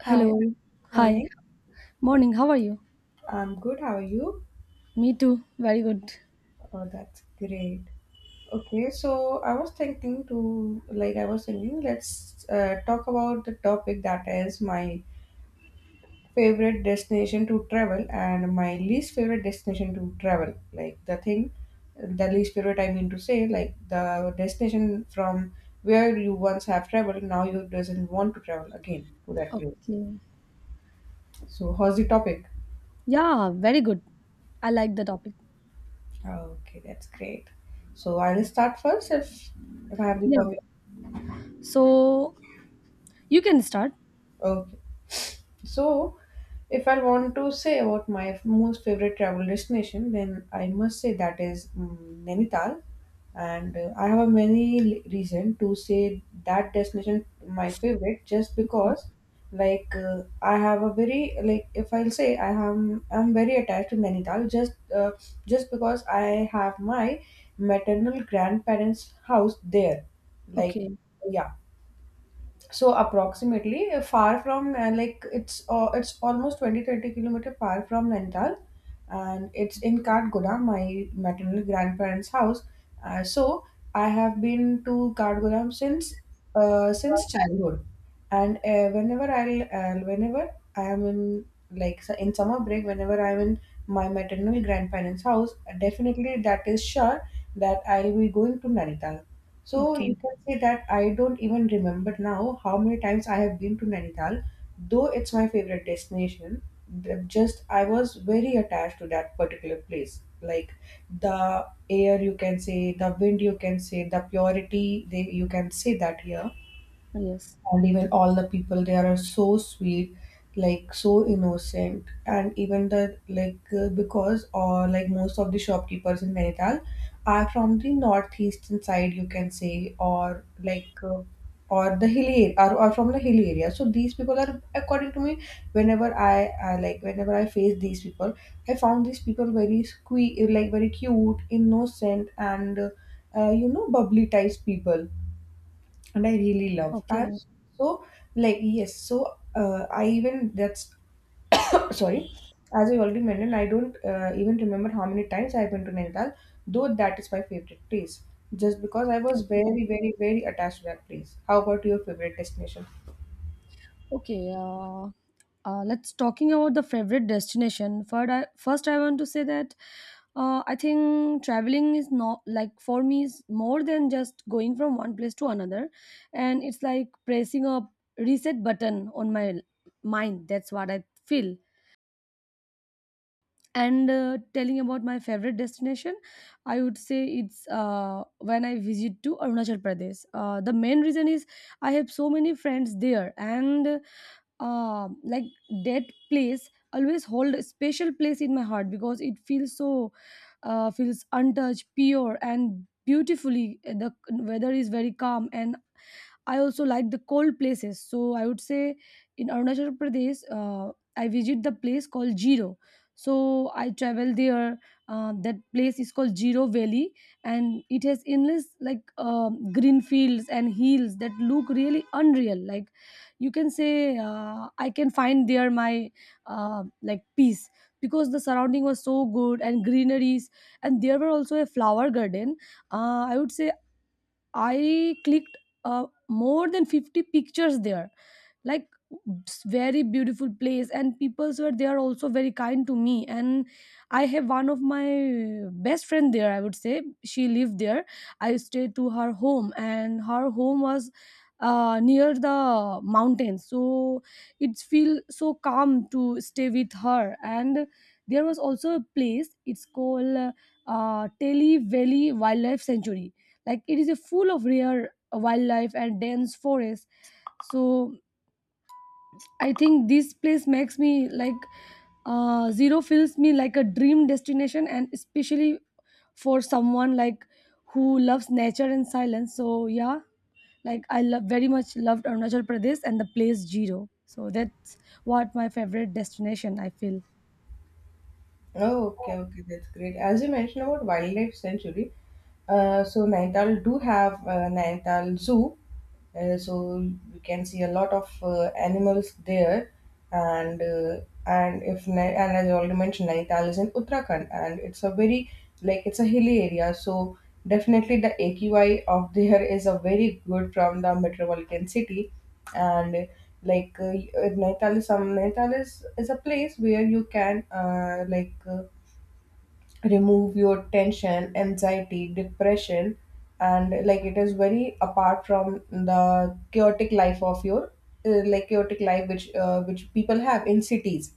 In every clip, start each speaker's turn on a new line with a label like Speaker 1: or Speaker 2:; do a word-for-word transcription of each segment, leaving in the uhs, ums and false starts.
Speaker 1: Hi,
Speaker 2: Hello. Hi.
Speaker 1: morning.
Speaker 2: Morning. How are you?
Speaker 1: I'm good. How are you?
Speaker 2: Me too. Very good.
Speaker 1: Oh, that's great. Okay, so I was thinking to, like, I was thinking, let's uh, talk about the topic that is my favorite destination to travel and my least favorite destination to travel. Like, the thing, the least favorite I mean to say, like, the destination from where you once have traveled, now you doesn't want to travel again to that place.
Speaker 2: Okay.
Speaker 1: So, how's the topic?
Speaker 2: Yeah, very good. I like the topic.
Speaker 1: Okay, that's great. So I will start first if if I have the
Speaker 2: Yeah. So you can start.
Speaker 1: permission. So, if I want to say about my f- most favorite travel destination, then I must say that is mm, Nainital. And uh, I have many l- reason to say that destination my favorite just
Speaker 2: Okay.
Speaker 1: because like uh, I have a very like if I'll say I am I'm very attached to Nainital just uh, just because I have my maternal grandparents house there like
Speaker 2: Okay.
Speaker 1: yeah, so approximately uh, far from uh, like it's uh, it's almost twenty thirty kilometers far from Nainital, and it's in Katgoda, my maternal grandparents' house. Uh, so I have been to Katgoda since uh, since childhood, and uh, whenever I'll uh, whenever I am in like su- in summer break, whenever I'm in my maternal grandparents' house, definitely that is sure that I'll be going to Nainital. So
Speaker 2: Okay.
Speaker 1: you can say that I don't even remember now how many times I have been to Nainital, though it's my favorite destination. th- Just I was very attached to that particular place. Like the air, you can say, the wind, you can say, the purity, they, you can say that here,
Speaker 2: Yes.
Speaker 1: and even all the people there are so sweet, like so innocent, and even the like uh, because or like most of the shopkeepers in Nainital are from the northeastern side, you can say, or like uh, or the hilly are or, or from the hilly area, so these people are according to me whenever I, I like whenever I face these people, I found these people very squee like very cute innocent and uh, uh, you know bubbly types people and I really love. I,
Speaker 2: Okay.
Speaker 1: so like yes, so uh, I even that's sorry, as I already mentioned, I don't uh, even remember how many times I've been to Nainital, though that is my favorite place, just because I was
Speaker 2: Okay.
Speaker 1: very very very attached to that place. How about your favorite destination?
Speaker 2: Okay, uh, uh, let's talking about the favorite destination. First, I, first I want to say that uh, I think traveling is not like for me is more than just going from one place to another, and it's like pressing a reset button on my l- mind. That's what I feel. And uh, telling about my favorite destination, I would say it's uh, when I visit to Arunachal Pradesh. Uh, the main reason is I have so many friends there, and uh, like that place always hold a special place in my heart because it feels so uh, feels untouched pure and beautifully the weather is very calm and I also like the cold places. So I would say in Arunachal Pradesh, uh, I visit the place called Jiro. So I travel there. Uh, that place is called Jiro Valley, and it has endless like um, green fields and hills that look really unreal. Like you can say, uh, I can find there my uh, like peace because the surrounding was so good and greeneries, and there were also a flower garden. Uh, I would say I clicked uh, more than fifty pictures there. Like s- Very beautiful place and people were there also very kind to me, and I have one of my best friend there. I would say she lived there. I stayed to her home, and her home was uh, near the mountains, so it feel so calm to stay with her. And there was also a place, it's called uh, Telly Valley Wildlife Sanctuary. Like it is a full of rare uh, wildlife and dense forest. So I think this place makes me like uh, zero feels me like a dream destination, and especially for someone like who loves nature and silence. So yeah, like I love very much, loved Arunachal Pradesh and the place zero. So that's what my favorite destination I feel.
Speaker 1: Oh, okay, okay, that's great. As you mentioned about wildlife sanctuary, uh, so Nainital do have uh, Nainital Zoo. Uh, so you can see a lot of uh, animals there, and uh, and if Nai- and as I already mentioned, Nainital is in Uttarakhand, and it's a very like it's a hilly area. So definitely the A Q I of there is a very good from the metropolitan city, and like uh, Nainital is some Nainital is is a place where you can uh, like. Uh, remove your tension, anxiety, depression, and like it is very apart from the chaotic life of your uh, like chaotic life which uh, which people have in cities.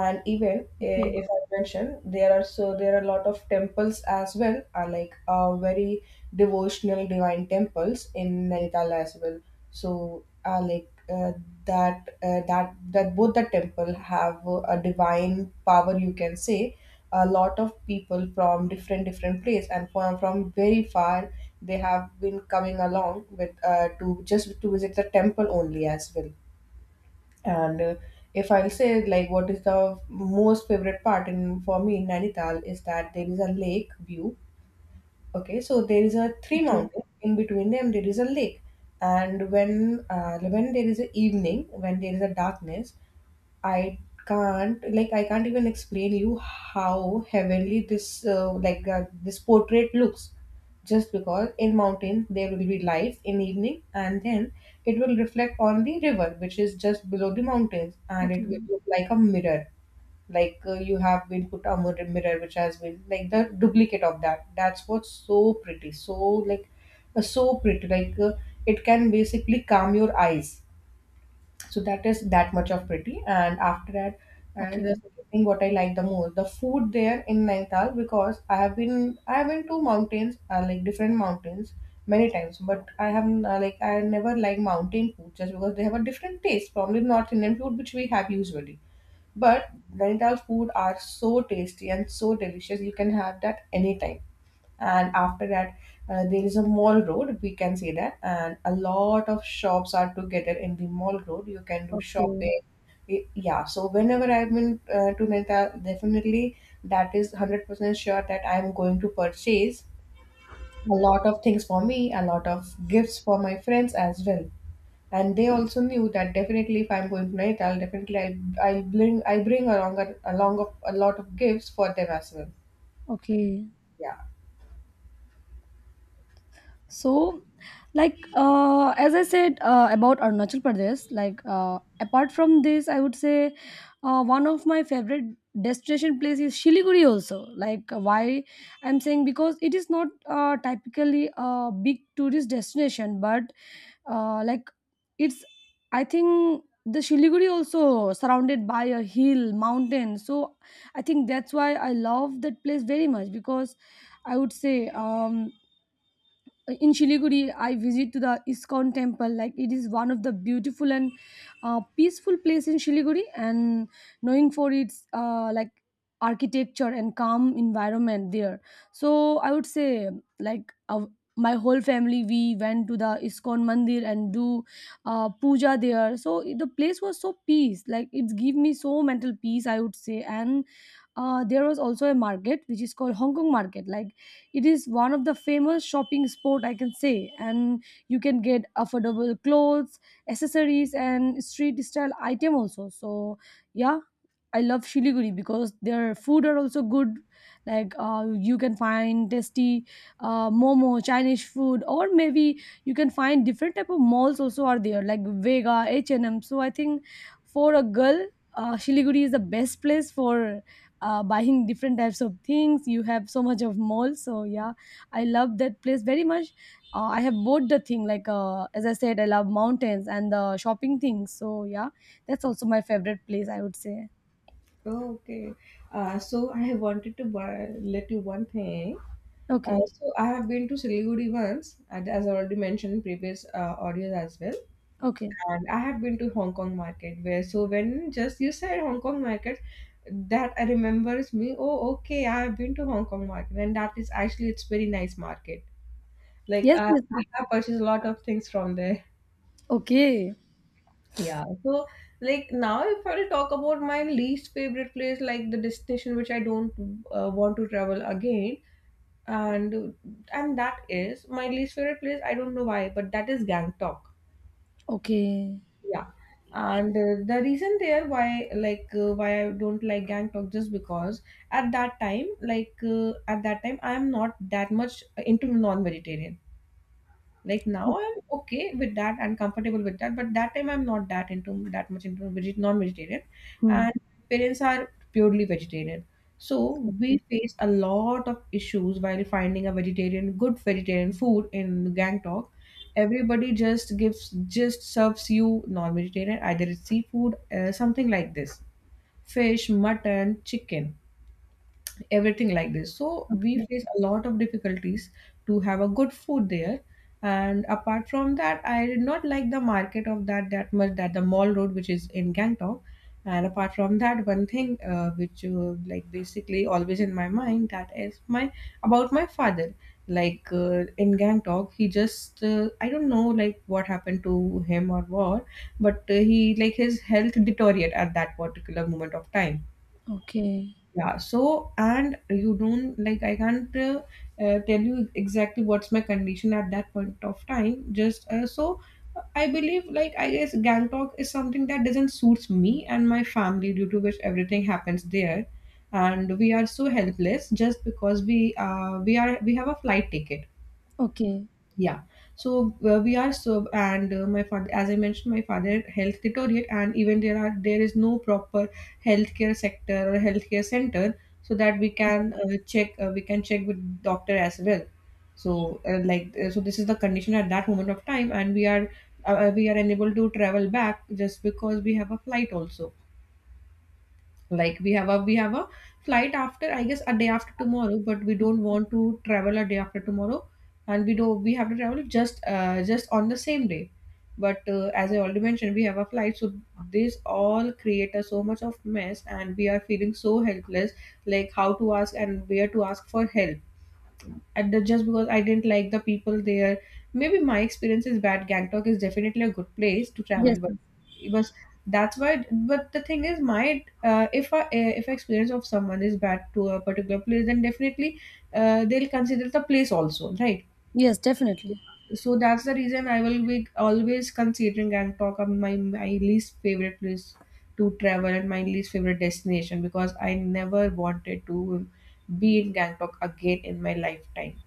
Speaker 1: And even eh,
Speaker 2: Okay.
Speaker 1: if I mention there are so there are a lot of temples as well, are like uh, very devotional divine temples in Nainital as well. So uh, like uh, that uh, that that both the temple have uh, a divine power, you can say. A lot of people from different different place and from, from very far, they have been coming along with uh, to just to visit the temple only as well. And uh, if I will say like what is the most favorite part in for me in Nainital is that there is a lake view. Okay, so there is a three
Speaker 2: Okay.
Speaker 1: mountain. In between them, there is a lake. And when uh, when there is a evening, when there is a darkness, I can't like I can't even explain you how heavenly this uh, like uh, this portrait looks. Just because in mountains there will be lights in evening, and then it will reflect on the river, which is just below the mountains, and it
Speaker 2: Okay.
Speaker 1: will look like a mirror, like uh, you have been put a mirror, mirror which has been like the duplicate of that, that's what's so pretty, so like uh, so pretty like uh, it can basically calm your eyes, so that is that much of pretty. And after that, and
Speaker 2: Okay.
Speaker 1: the second thing what I like the most, the food there in Nainital, because i have been I have been to mountains uh, like different mountains many times, but I have uh, like I never like mountain food, just because they have a different taste from the North Indian food which we have usually. But Nainital food are so tasty and so delicious, you can have that anytime. And after that, uh, there is a mall road, we can say that, and a lot of shops are together in the mall road, you can do
Speaker 2: Okay.
Speaker 1: shopping. Y- yeah, so whenever I've been uh, to Nainital, definitely that is one hundred percent sure that I'm going to purchase a lot of things for me, a lot of gifts for my friends as well. And they also knew that definitely if I'm going to Nainital, definitely i i bring i bring along a, along of, a lot of gifts for them as well.
Speaker 2: Okay.
Speaker 1: Yeah.
Speaker 2: So like uh, as i said uh, about Arunachal Pradesh, like uh, apart from this, I would say uh, one of my favorite destination place is Shiliguri also. Like uh, why I'm saying because it is not uh, typically a big tourist destination, but uh, like it's I think the Shiliguri also surrounded by a hill mountain. So I think that's why I love that place very much because I would say um in Shiliguri, I visit to the Iskon temple. Like it is one of the beautiful and uh, peaceful place in Shiliguri, and knowing for its uh, like architecture and calm environment there. So I would say like uh, my whole family we went to the Iskon Mandir and do uh, puja there. So the place was so peace. Like it give me so mental peace, I would say. And uh, there was also a market which is called Hong Kong Market. Like it is one of the famous shopping spot I can say, and you can get affordable clothes, accessories and street style item also. So yeah, I love Shiliguri because their food are also good. Like uh, you can find tasty uh, momo, Chinese food, or maybe you can find different type of malls also are there, like Vega, H and M. So I think for a girl, uh, Shiliguri is the best place for uh, buying different types of things. You have so much of malls, so yeah, I love that place very much. Uh, I have both the thing, like uh, as I said, I love mountains and the shopping things. So yeah, that's also my favorite place, I would say.
Speaker 1: Okay. Uh, so I have wanted to buy, let you one thing. Uh,
Speaker 2: Okay.
Speaker 1: so I have been to Siliguri once, and as I already mentioned in previous uh, audios as well.
Speaker 2: Okay.
Speaker 1: And I have been to Hong Kong market, where so when just you said Hong Kong market, that I remembers me. Oh, okay. I have been to Hong Kong market, and that is actually it's very nice market. Like
Speaker 2: Yes.
Speaker 1: uh,
Speaker 2: Yes.
Speaker 1: I have purchased a lot of things from there.
Speaker 2: Okay.
Speaker 1: Yeah, so like now, if I'll talk about my least favorite place, like the destination which I don't uh, want to travel again, and and that is my least favorite place. I don't know why, but that is Gangtok.
Speaker 2: Okay.
Speaker 1: Yeah, and uh, the reason there why like uh, why I don't like Gangtok just because at that time, like uh, at that time, I am not that much into non-vegetarian. Like
Speaker 2: O-
Speaker 1: now I'm okay with that and comfortable with that, but that time I'm not that into that much into veget- non-vegetarian,
Speaker 2: hmm.
Speaker 1: and parents are purely vegetarian. So we
Speaker 2: Okay.
Speaker 1: face a lot of issues while finding a vegetarian, good vegetarian food in Gangtok. Everybody just gives, just serves you non-vegetarian, either it's seafood, uh, something like this, fish, mutton, chicken, everything like this. So we
Speaker 2: Okay.
Speaker 1: face a lot of difficulties to have a good food there. And apart from that, I did not like the market of that that much. That the mall road, which is in Gangtok, and apart from that, one thing uh, which uh, like basically always in my mind, that is my about my father. Like uh, in Gangtok, he just uh, I don't know like what happened to him or what, but uh, he like his health deteriorated at that particular moment of time.
Speaker 2: Okay.
Speaker 1: Yeah, so and you don't like I can't uh, uh, tell you exactly what's my condition at that point of time. Just uh, so uh, I believe like I guess Gangtok is something that doesn't suits me and my family due to which everything happens there, and we are so helpless just because we uh, we are we have a flight ticket.
Speaker 2: Okay.
Speaker 1: Yeah. So uh, we are so, and uh, my father, as I mentioned, my father health deteriorate. And even there are there is no proper healthcare sector or healthcare center so that we can uh, check uh, we can check with doctor as well. So uh, like uh, so this is the condition at that moment of time, and we are uh, we are unable to travel back just because we have a flight also, like we have a we have a flight after I guess a day after tomorrow, but we don't want to travel a day after tomorrow, and we do we have to travel just uh, just on the same day. But uh, as I already mentioned, we have a flight, so this all create a so much of mess, and we are feeling so helpless, like how to ask and where to ask for help at the, just because I didn't like the people there. Maybe my experience is bad. Gangtok is definitely a good place to
Speaker 2: Yes.
Speaker 1: travel, but
Speaker 2: Yes.
Speaker 1: it was that's why. But the thing is, my uh, if I uh, if experience of someone is bad to a particular place, then definitely uh, they'll consider the place also, right?
Speaker 2: Yes, definitely.
Speaker 1: So that's the reason I will be always considering Gangtok as my my least favorite place to travel and my least favorite destination because I never wanted to be in Gangtok again in my lifetime.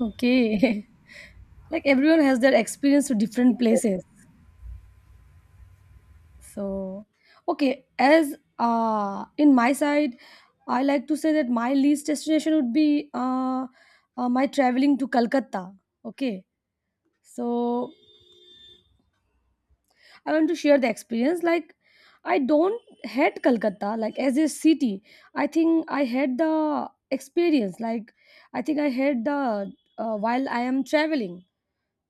Speaker 2: Okay. Like everyone has their experience to different places. So, okay, as uh in my side, I like to say that my least destination would be uh, uh my traveling to Calcutta. Okay. So, I want to share the experience. Like, I don't hate Calcutta, like, as a city. I think I had the experience. Like, I think I had the uh, while I am traveling.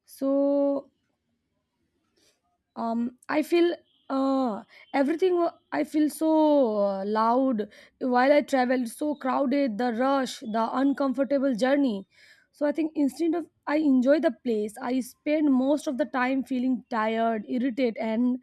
Speaker 2: So, um I feel uh everything wa- I feel so uh, loud while I traveled, so crowded, the rush, the uncomfortable journey. So I think instead of I enjoy the place, I spend most of the time feeling tired, irritated, and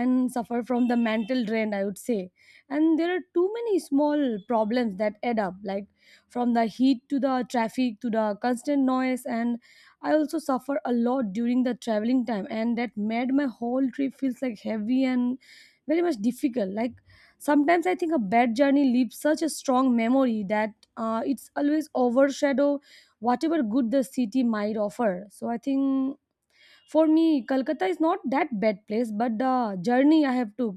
Speaker 2: and suffer from the mental drain, I would say. And there are too many small problems that add up, like from the heat to the traffic to the constant noise. And I also suffer a lot during the traveling time, and that made my whole trip feels like heavy and very much difficult. Like sometimes I think a bad journey leaves such a strong memory that uh, it's always overshadow whatever good the city might offer. So I think for me, Kolkata is not that bad place, but the journey I have took,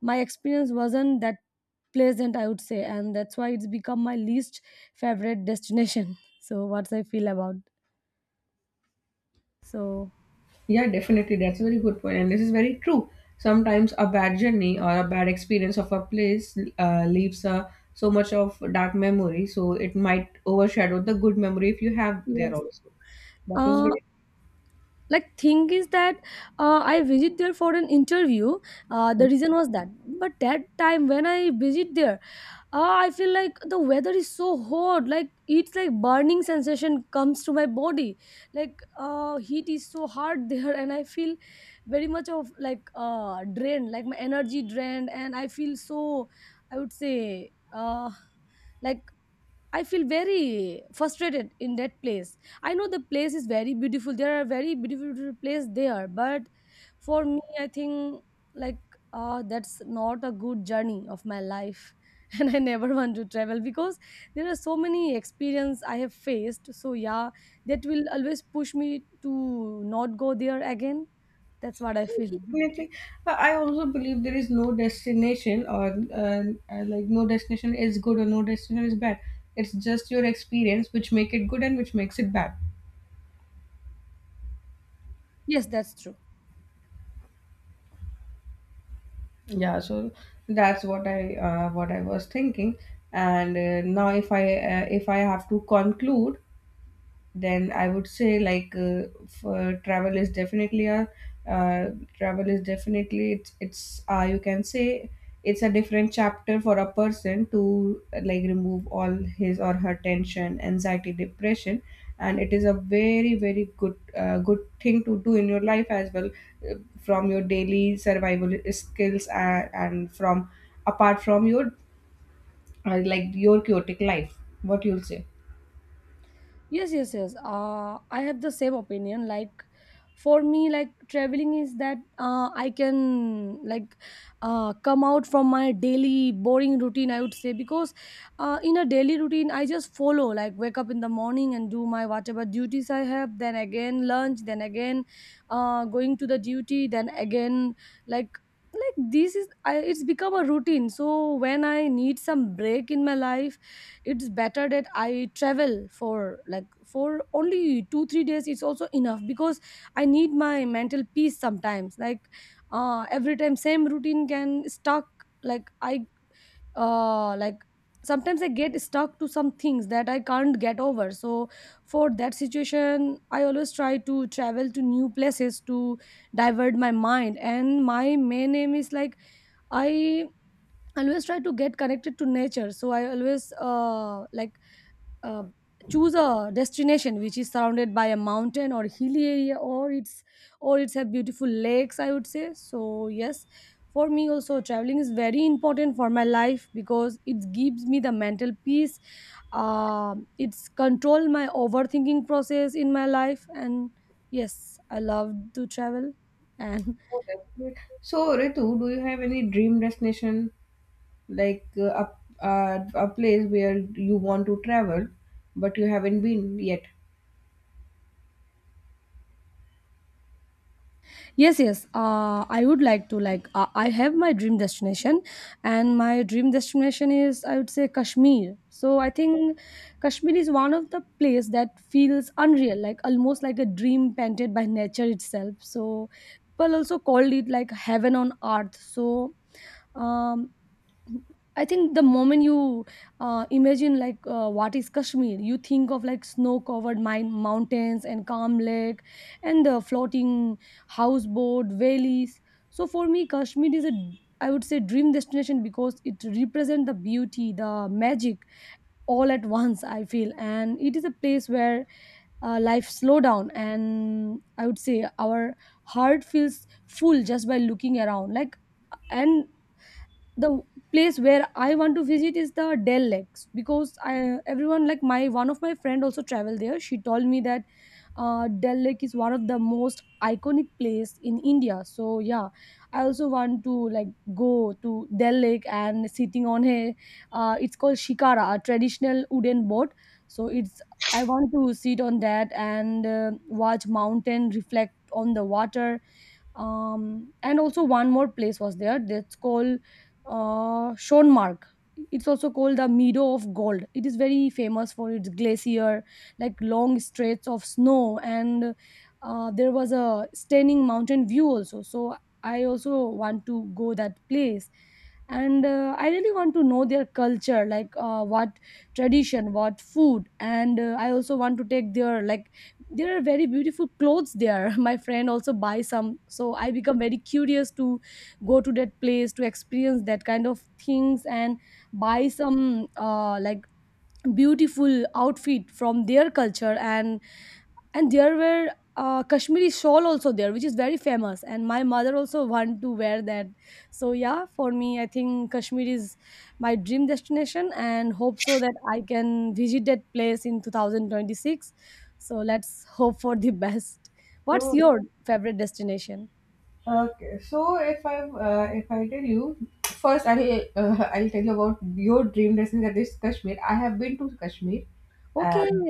Speaker 2: my experience wasn't that pleasant, I would say, and that's why it's become my least favorite destination. So what I feel about so.
Speaker 1: Yeah, definitely. That's a very good point, and this is very true. Sometimes a bad journey or a bad experience of a place uh, leaves uh, so much of dark memory, so it might overshadow the good memory if you have there
Speaker 2: Yes.
Speaker 1: also. That is
Speaker 2: uh
Speaker 1: very
Speaker 2: like Thing is that uh, I visit there for an interview. Uh, the
Speaker 1: true.
Speaker 2: reason was that, but that time when I visit there, uh, I feel like the weather is so hot, like it's like burning sensation comes to my body, like uh, heat is so hard there, and I feel very much of like uh drained, like my energy drained, and I feel so, I would say, uh like I feel very frustrated in that place. I know the place is very beautiful. There are very beautiful place there, but for me, I think like uh, that's not a good journey of my life, and I never want to travel because there are so many experience I have faced. So yeah, that will always push me to not go there again. That's what I feel.
Speaker 1: Definitely. Uh, I also believe there is no destination or uh, uh, like no destination is good or no destination is bad. It's just your experience which make it good and which makes it bad.
Speaker 2: Yes, that's true.
Speaker 1: Yeah, so that's what I uh, what I was thinking. And uh, now, if I uh, if I have to conclude, then I would say like uh, for travel is definitely a uh, travel is definitely it's it's uh, you can say it's a different chapter for a person to uh, like remove all his or her tension, anxiety, depression, and it is a very very good uh, good thing to do in your life as well, uh, from your daily survival skills and, and from apart from your uh, like your chaotic life. What you'll say?
Speaker 2: Yes, yes, yes. Uh, I have the same opinion. Like, for me, like traveling is that uh, I can like uh, come out from my daily boring routine, I would say. Because uh, in a daily routine, I just follow like wake up in the morning and do my whatever duties I have. Then again lunch. Then again uh, going to the duty. Then again like like this is I, it's become a routine. So when I need some break in my life, it's better that I travel for like for only two three days it's also enough, because I need my mental peace sometimes. Like uh every time same routine can stuck, like i uh like sometimes I get stuck to some things that I can't get over. So for that situation I always try to travel to new places to divert my mind, and my main aim is like I always try to get connected to nature. So I always uh like uh, choose a destination which is surrounded by a mountain or hilly area, or it's or it's have beautiful lakes, I would say. So yes, for me also traveling is very important for my life because it gives me the mental peace. Uh, it's control my overthinking process in my life, and yes, I love to travel and
Speaker 1: Oh, definitely. So, Ritu, do you have any dream destination like uh, a, uh, a place where you want to travel but you haven't been yet?
Speaker 2: Yes, yes. Uh, I would like to like uh, I have my dream destination, and my dream destination is I would say Kashmir. So I think Kashmir is one of the place that feels unreal, like almost like a dream painted by nature itself. So people also called it like heaven on earth. So um, I think the moment you uh, imagine like uh, what is Kashmir, you think of like snow-covered mine mountains and calm lake, and the floating houseboat valleys. So for me, Kashmir is a, I would say, dream destination because it represents the beauty, the magic all at once, I feel. And it is a place where uh, life slow down, and I would say our heart feels full just by looking around. Like and the place where I want to visit is the Dell Lakes, because I everyone like my one of my friend also traveled there, she told me that uh, Dell Lake is one of the most iconic place in India. So yeah, I also want to like go to Dell Lake and sitting on a, uh, it's called Shikara, a traditional wooden boat. So it's I want to sit on that and uh, watch mountain reflect on the water. Um, and also one more place was there, that's called uh, Schoenmark. It's also called the Meadow of Gold. It is very famous for its glacier, like long stretches of snow, and uh, there was a stunning mountain view also. So I also want to go that place, and uh, I really want to know their culture, like uh, what tradition, what food, and uh, I also want to take their, like, there are very beautiful clothes there. My friend also buys some, so I become very curious to go to that place to experience that kind of things and buy some uh, like beautiful outfit from their culture. And and there were uh, kashmiri shawl also there, which is very famous, and my mother also want to wear that. So yeah, for me, I think Kashmir is my dream destination, and hope so that I can visit that place in twenty twenty-six. So let's hope for the best. What's
Speaker 1: So,
Speaker 2: your favorite destination?
Speaker 1: okay. So, if I uh, if I tell you first, I'll uh, I'll tell you about your dream destination, that is Kashmir. I have been to Kashmir,
Speaker 2: Okay,
Speaker 1: and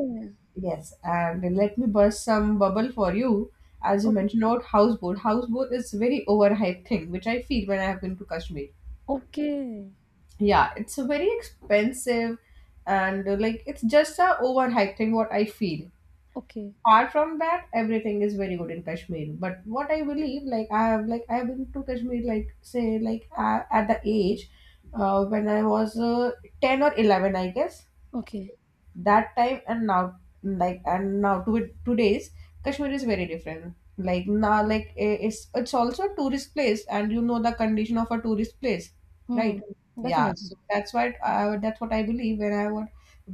Speaker 1: yes, and let me burst some bubble for you. As you
Speaker 2: okay,
Speaker 1: mentioned about houseboat, houseboat is very overhyped thing, which I feel when I have been to Kashmir.
Speaker 2: okay,
Speaker 1: Yeah, it's a very expensive and uh, like it's just a overhyped thing what I feel.
Speaker 2: okay,
Speaker 1: Apart from that, everything is very good in Kashmir, but what I believe, like i have like i have been to Kashmir, like say, like uh, at the age uh, when I was uh, ten or eleven, I guess,
Speaker 2: okay.
Speaker 1: that time. And now, like and now to it today's Kashmir is very different. Like, now, like, i- it's it's also a tourist place and you know the condition of a tourist place,
Speaker 2: Hmm.
Speaker 1: right? Yeah,
Speaker 2: Definitely.
Speaker 1: so that's what I, that's what I believe when I would,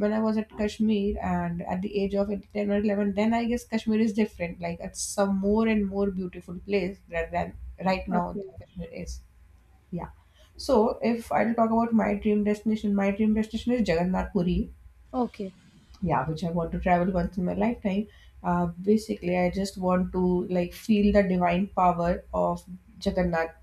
Speaker 1: when I was at Kashmir and at the age of ten or eleven, then I guess Kashmir is different. Like, it's a more and more beautiful place rather than right now.
Speaker 2: Okay,
Speaker 1: Kashmir is, yeah. So if I'll talk about my dream destination, my dream destination is Jagannath Puri,
Speaker 2: okay,
Speaker 1: yeah, which I want to travel once in my lifetime. uh, basically I just want to like feel the divine power of Jagannath,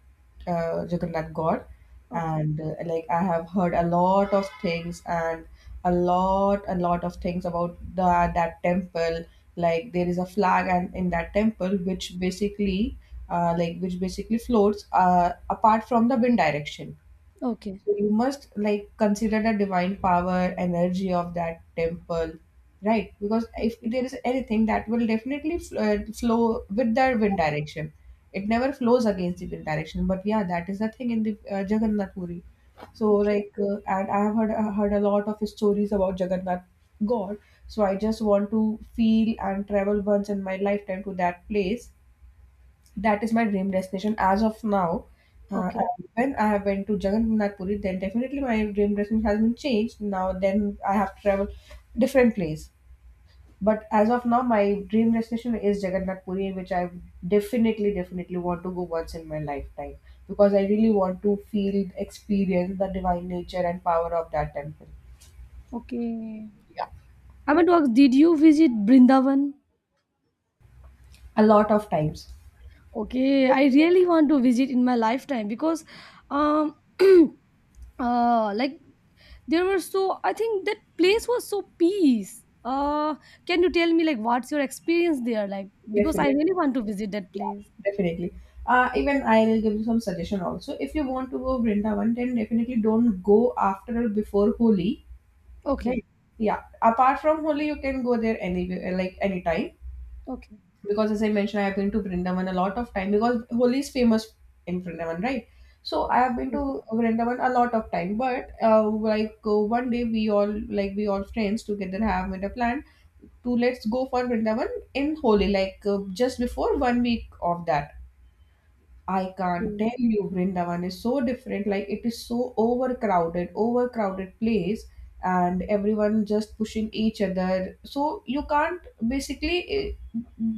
Speaker 1: uh, Jagannath God.
Speaker 2: okay.
Speaker 1: And uh, like I have heard a lot of things and a lot a lot of things about the, that temple. Like, there is a flag and in that temple which basically, uh, like which basically floats uh, apart from the wind direction.
Speaker 2: Okay.
Speaker 1: So you must like consider the divine power, energy of that temple, right? Because
Speaker 2: Yes,
Speaker 1: if
Speaker 2: yes.
Speaker 1: there is anything that will definitely fl- uh, flow with the wind direction, it never flows against the wind direction. But yeah, that is the thing in the uh, Jagannath Puri. So
Speaker 2: Okay.
Speaker 1: like, uh, and I have heard uh, heard a lot of stories about Jagannath God. So I just want to feel and travel once in my lifetime to that place, that is my dream destination as of now. Uh,
Speaker 2: Okay.
Speaker 1: and when I have went to Jagannath Puri, then definitely my dream destination has been changed. Now then I have to travel different place. But as of now, my dream destination is Jagannath Puri, which I definitely, definitely want to go once in my lifetime because I really want to feel, experience the divine nature and power of that temple.
Speaker 2: Okay.
Speaker 1: Yeah,
Speaker 2: I meant to ask, did you visit Brindavan?
Speaker 1: a lot of times,
Speaker 2: Okay, I really want to visit in my lifetime because, um, uh, like there were, so I think that place was so peace. Uh, can you tell me, like, what's your experience there like? Because I
Speaker 1: definitely.
Speaker 2: really want to visit that
Speaker 1: Yeah,
Speaker 2: place.
Speaker 1: definitely. Uh, even I will give you some suggestion also. If you want to go Vrindavan, then definitely don't go after or before Holi,
Speaker 2: Okay.
Speaker 1: right? Yeah. Apart from Holi, you can go there anywhere, like anytime.
Speaker 2: Okay.
Speaker 1: Because as I mentioned, I have been to Vrindavan a lot of time because Holi is famous in Vrindavan, right? So I have been
Speaker 2: Yes.
Speaker 1: to Vrindavan a lot of time, but uh, like uh, one day we all like we all friends together have made a plan to let's go for Vrindavan in Holi, like uh, just before one week of that. I can't tell
Speaker 2: Yes.
Speaker 1: you, Vrindavan is so different. Like, it is so overcrowded, overcrowded place, and everyone just pushing each other. So you can't basically, eh,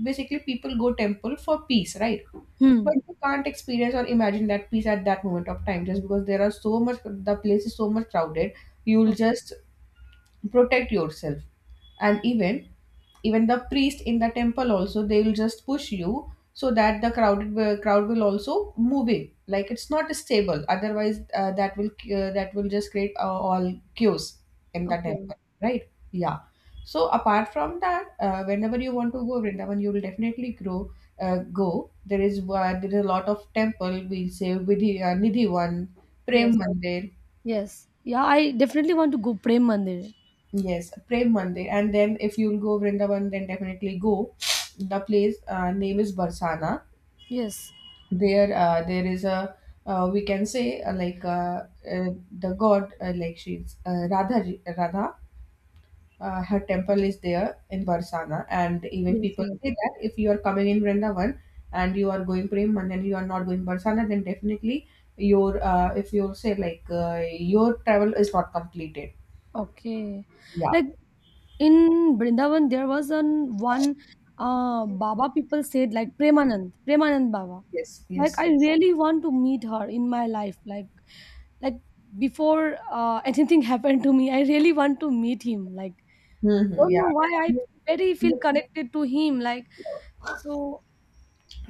Speaker 1: basically people go temple for peace, right?
Speaker 2: Hmm.
Speaker 1: But you can't experience or imagine that peace at that moment of time, just because there are so much. The place is so much crowded. You'll
Speaker 2: Okay.
Speaker 1: just protect yourself, and even even the priest in the temple also, they will just push you so that the crowded uh, crowd will also move in, like it's not stable, otherwise uh, that will uh, that will just create uh, all queues in the
Speaker 2: Okay.
Speaker 1: temple, right? Yeah. So apart from that, uh, whenever you want to go Vrindavan you will definitely grow uh, go. There is uh, there is a lot of temple, we say Vidhi, uh, Nidhi one,
Speaker 2: Yes.
Speaker 1: Prem Mandir.
Speaker 2: Yes. Yeah, I definitely want to go Prem Mandir.
Speaker 1: Yes, Prem Mandir. And then if you'll go Vrindavan, then definitely go. The place uh, name is Barsana.
Speaker 2: Yes.
Speaker 1: There, uh, there is a uh, we can say uh, like uh, uh, the god uh, like she's uh, Radha, Radha. Uh, her temple is there in Barsana, and even
Speaker 2: Yes,
Speaker 1: people
Speaker 2: yes.
Speaker 1: say that if you are coming in Vrindavan and you are going Prem Mandir and you are not going Barsana, then definitely your uh, if you say like uh, your travel is not completed.
Speaker 2: Okay.
Speaker 1: Yeah.
Speaker 2: Like in Brindavan, there was an one uh Baba, people said, like, Premanand, Premanand Baba.
Speaker 1: Yes.
Speaker 2: Like
Speaker 1: Yes.
Speaker 2: I really want to meet her in my life. Like like before uh, anything happened to me, I really want to meet him. Like
Speaker 1: Hmm.
Speaker 2: don't
Speaker 1: Yeah.
Speaker 2: know why I very feel connected to him. Like so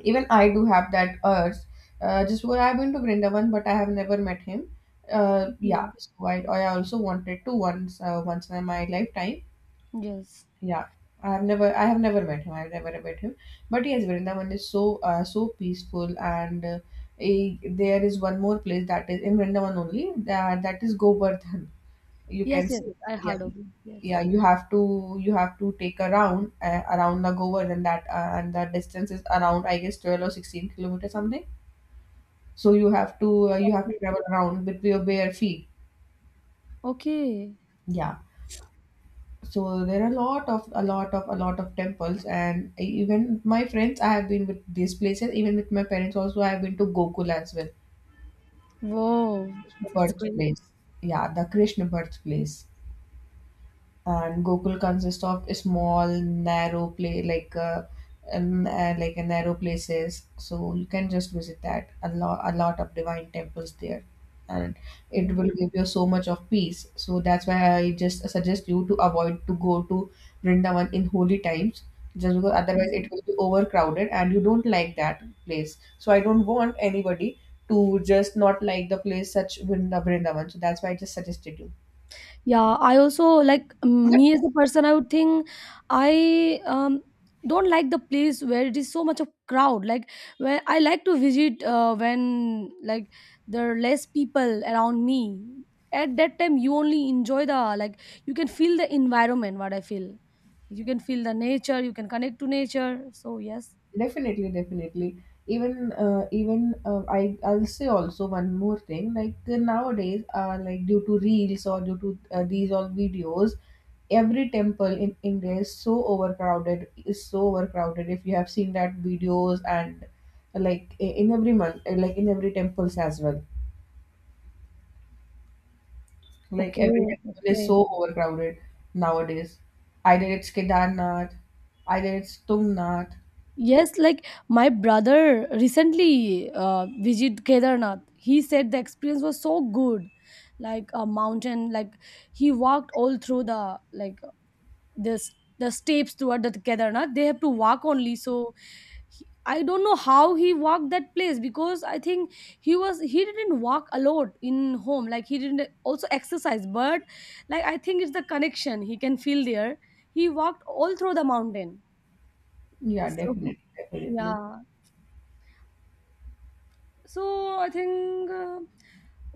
Speaker 1: Even I do have that urge. Uh, just well, I've been to Grindavan, but I have never met him. Uh, yeah.
Speaker 2: okay.
Speaker 1: So I, I also wanted to once, uh, once in my lifetime.
Speaker 2: Yes.
Speaker 1: Yeah. I have never, I have never met him. I've never met him. But yes, Vrindavan is so, uh, so peaceful, and uh, eh, there is one more place that is in Vrindavan only. That that is Govardhan. You can
Speaker 2: Yes, yes,
Speaker 1: see,
Speaker 2: yes. I heard
Speaker 1: yeah.
Speaker 2: of it. Yes.
Speaker 1: Yeah, you have to you have to take a round uh, around the Nagovar and that uh, and the distance is around, I guess, twelve or sixteen kilometers something. So you have to uh, you have to
Speaker 2: Okay.
Speaker 1: travel around with your bare feet.
Speaker 2: Okay.
Speaker 1: Yeah. So there are a lot of a lot of a lot of temples, and even my friends I have been with these places, even with my parents also I have been to Gokul as well,
Speaker 2: Whoa.
Speaker 1: Krishna
Speaker 2: That's great.
Speaker 1: birthplace. Yeah, the Krishna birthplace. And Gokul consists of small, narrow play like uh, um, uh, like uh, narrow places. So you can just visit that, a lot, a lot of divine temples there, and it will give you so much of peace. So that's why I just suggest you to avoid to go to Vrindavan in holy times, just because otherwise
Speaker 2: Okay.
Speaker 1: it will be overcrowded and you don't like that place. So I don't want anybody to just not like the place such Vrinda- Vrindavan. So that's why I just suggested
Speaker 2: Yeah, I also, like
Speaker 1: you.
Speaker 2: me as a person, I would think I um don't like the place where it is so much of crowd. Like where I like to visit uh, when, like, there are less people around me. At that time, you only enjoy the, like, you can feel the environment. What I feel, you can feel the nature. You can connect to nature. So yes,
Speaker 1: Definitely, definitely. Even uh, even uh, I I'll say also one more thing. Like uh, nowadays, uh, like due to reels or due to uh, these all videos, every temple in India is so overcrowded. Is so overcrowded. If you have seen that videos and uh, like i- in every month, uh, like in every temples as well. Like every
Speaker 2: okay, that's
Speaker 1: temple is
Speaker 2: great.
Speaker 1: so overcrowded nowadays. Either it's Kedarnath, either it's Tungnath.
Speaker 2: Yes, like my brother recently uh, visited Kedarnath. He said the experience was so good, like a mountain. Like he walked all through the, like, this, the steps throughout the Kedarnath. They have to walk only. So he, I don't know how he walked that place, because I think he was, he didn't walk a lot in home. Like he didn't also exercise, but like I think it's the connection he can feel there. He walked all through the mountain.
Speaker 1: Yeah,
Speaker 2: So
Speaker 1: definitely, definitely.
Speaker 2: yeah, so I think uh,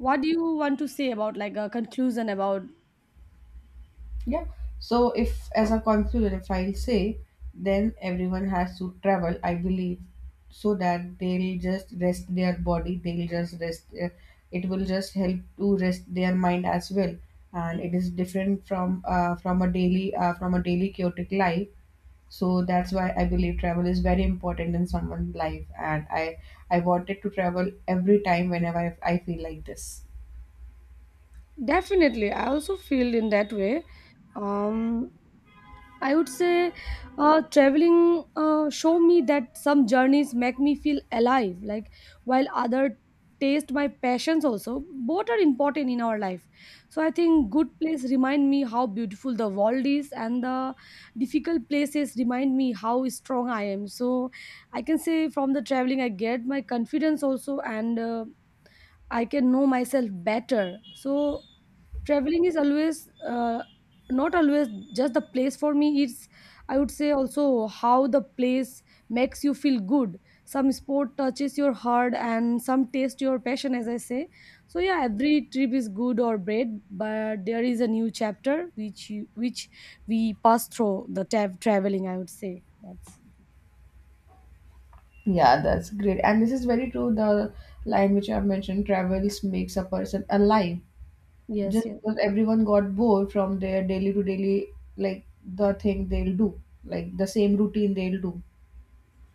Speaker 2: what do you want to say about, like, a conclusion about.
Speaker 1: Yeah. So if, as a conclusion, if I'll say, then everyone has to travel, I believe, so that they'll just rest their body, they'll just rest their, it will just help to rest their mind as well. And it is different from uh, from a daily uh, from a daily chaotic life. So that's why I believe travel is very important in someone's life. And I I wanted to travel every time whenever I I feel like this.
Speaker 2: Definitely, I also feel in that way. Um, I would say uh, traveling uh, show me that some journeys make me feel alive, like while other taste my passions also. Both are important in our life. So I think good place remind me how beautiful the world is, and the difficult places remind me how strong I am. So I can say from the traveling I get my confidence also, and uh, I can know myself better. So traveling is always uh, not always just the place for me. It's, I would say also, how the place makes you feel good. Some sport touches your heart and some taste your passion, as I say. So yeah, every trip is good or bad, but there is a new chapter which you, which we pass through the tab traveling, I would say that's
Speaker 1: Yeah, that's great. And this is very true. The line which I've mentioned, travels makes a person alive.
Speaker 2: yes,
Speaker 1: Just
Speaker 2: yes,
Speaker 1: because everyone got bored from their daily to daily, like the thing they'll do, like the same routine they'll do.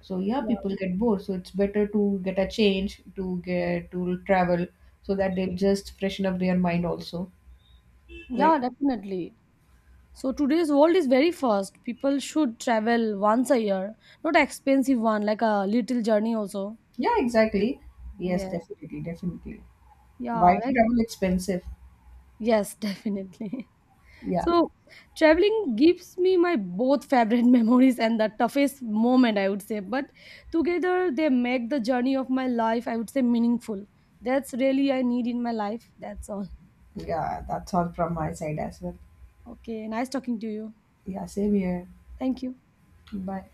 Speaker 1: So yeah,
Speaker 2: yeah,
Speaker 1: people get bored. So it's better to get a change, to get to travel, so that they'll just freshen up their mind also.
Speaker 2: yeah,
Speaker 1: Right.
Speaker 2: definitely. So today's world is very fast. People should travel once a year, not expensive one, like a little journey also.
Speaker 1: Yeah, exactly. Yes,
Speaker 2: Yeah,
Speaker 1: definitely, definitely. Why
Speaker 2: yeah,
Speaker 1: is
Speaker 2: like
Speaker 1: travel expensive?
Speaker 2: yes, definitely.
Speaker 1: Yeah,
Speaker 2: So traveling gives me my both favorite memories and the toughest moment, I would say. But together they make the journey of my life, I would say, meaningful. That's really I need in my life. That's all.
Speaker 1: yeah, that's all from my side as well.
Speaker 2: Okay, nice talking to you.
Speaker 1: Yeah, same here.
Speaker 2: Thank you.
Speaker 1: Bye.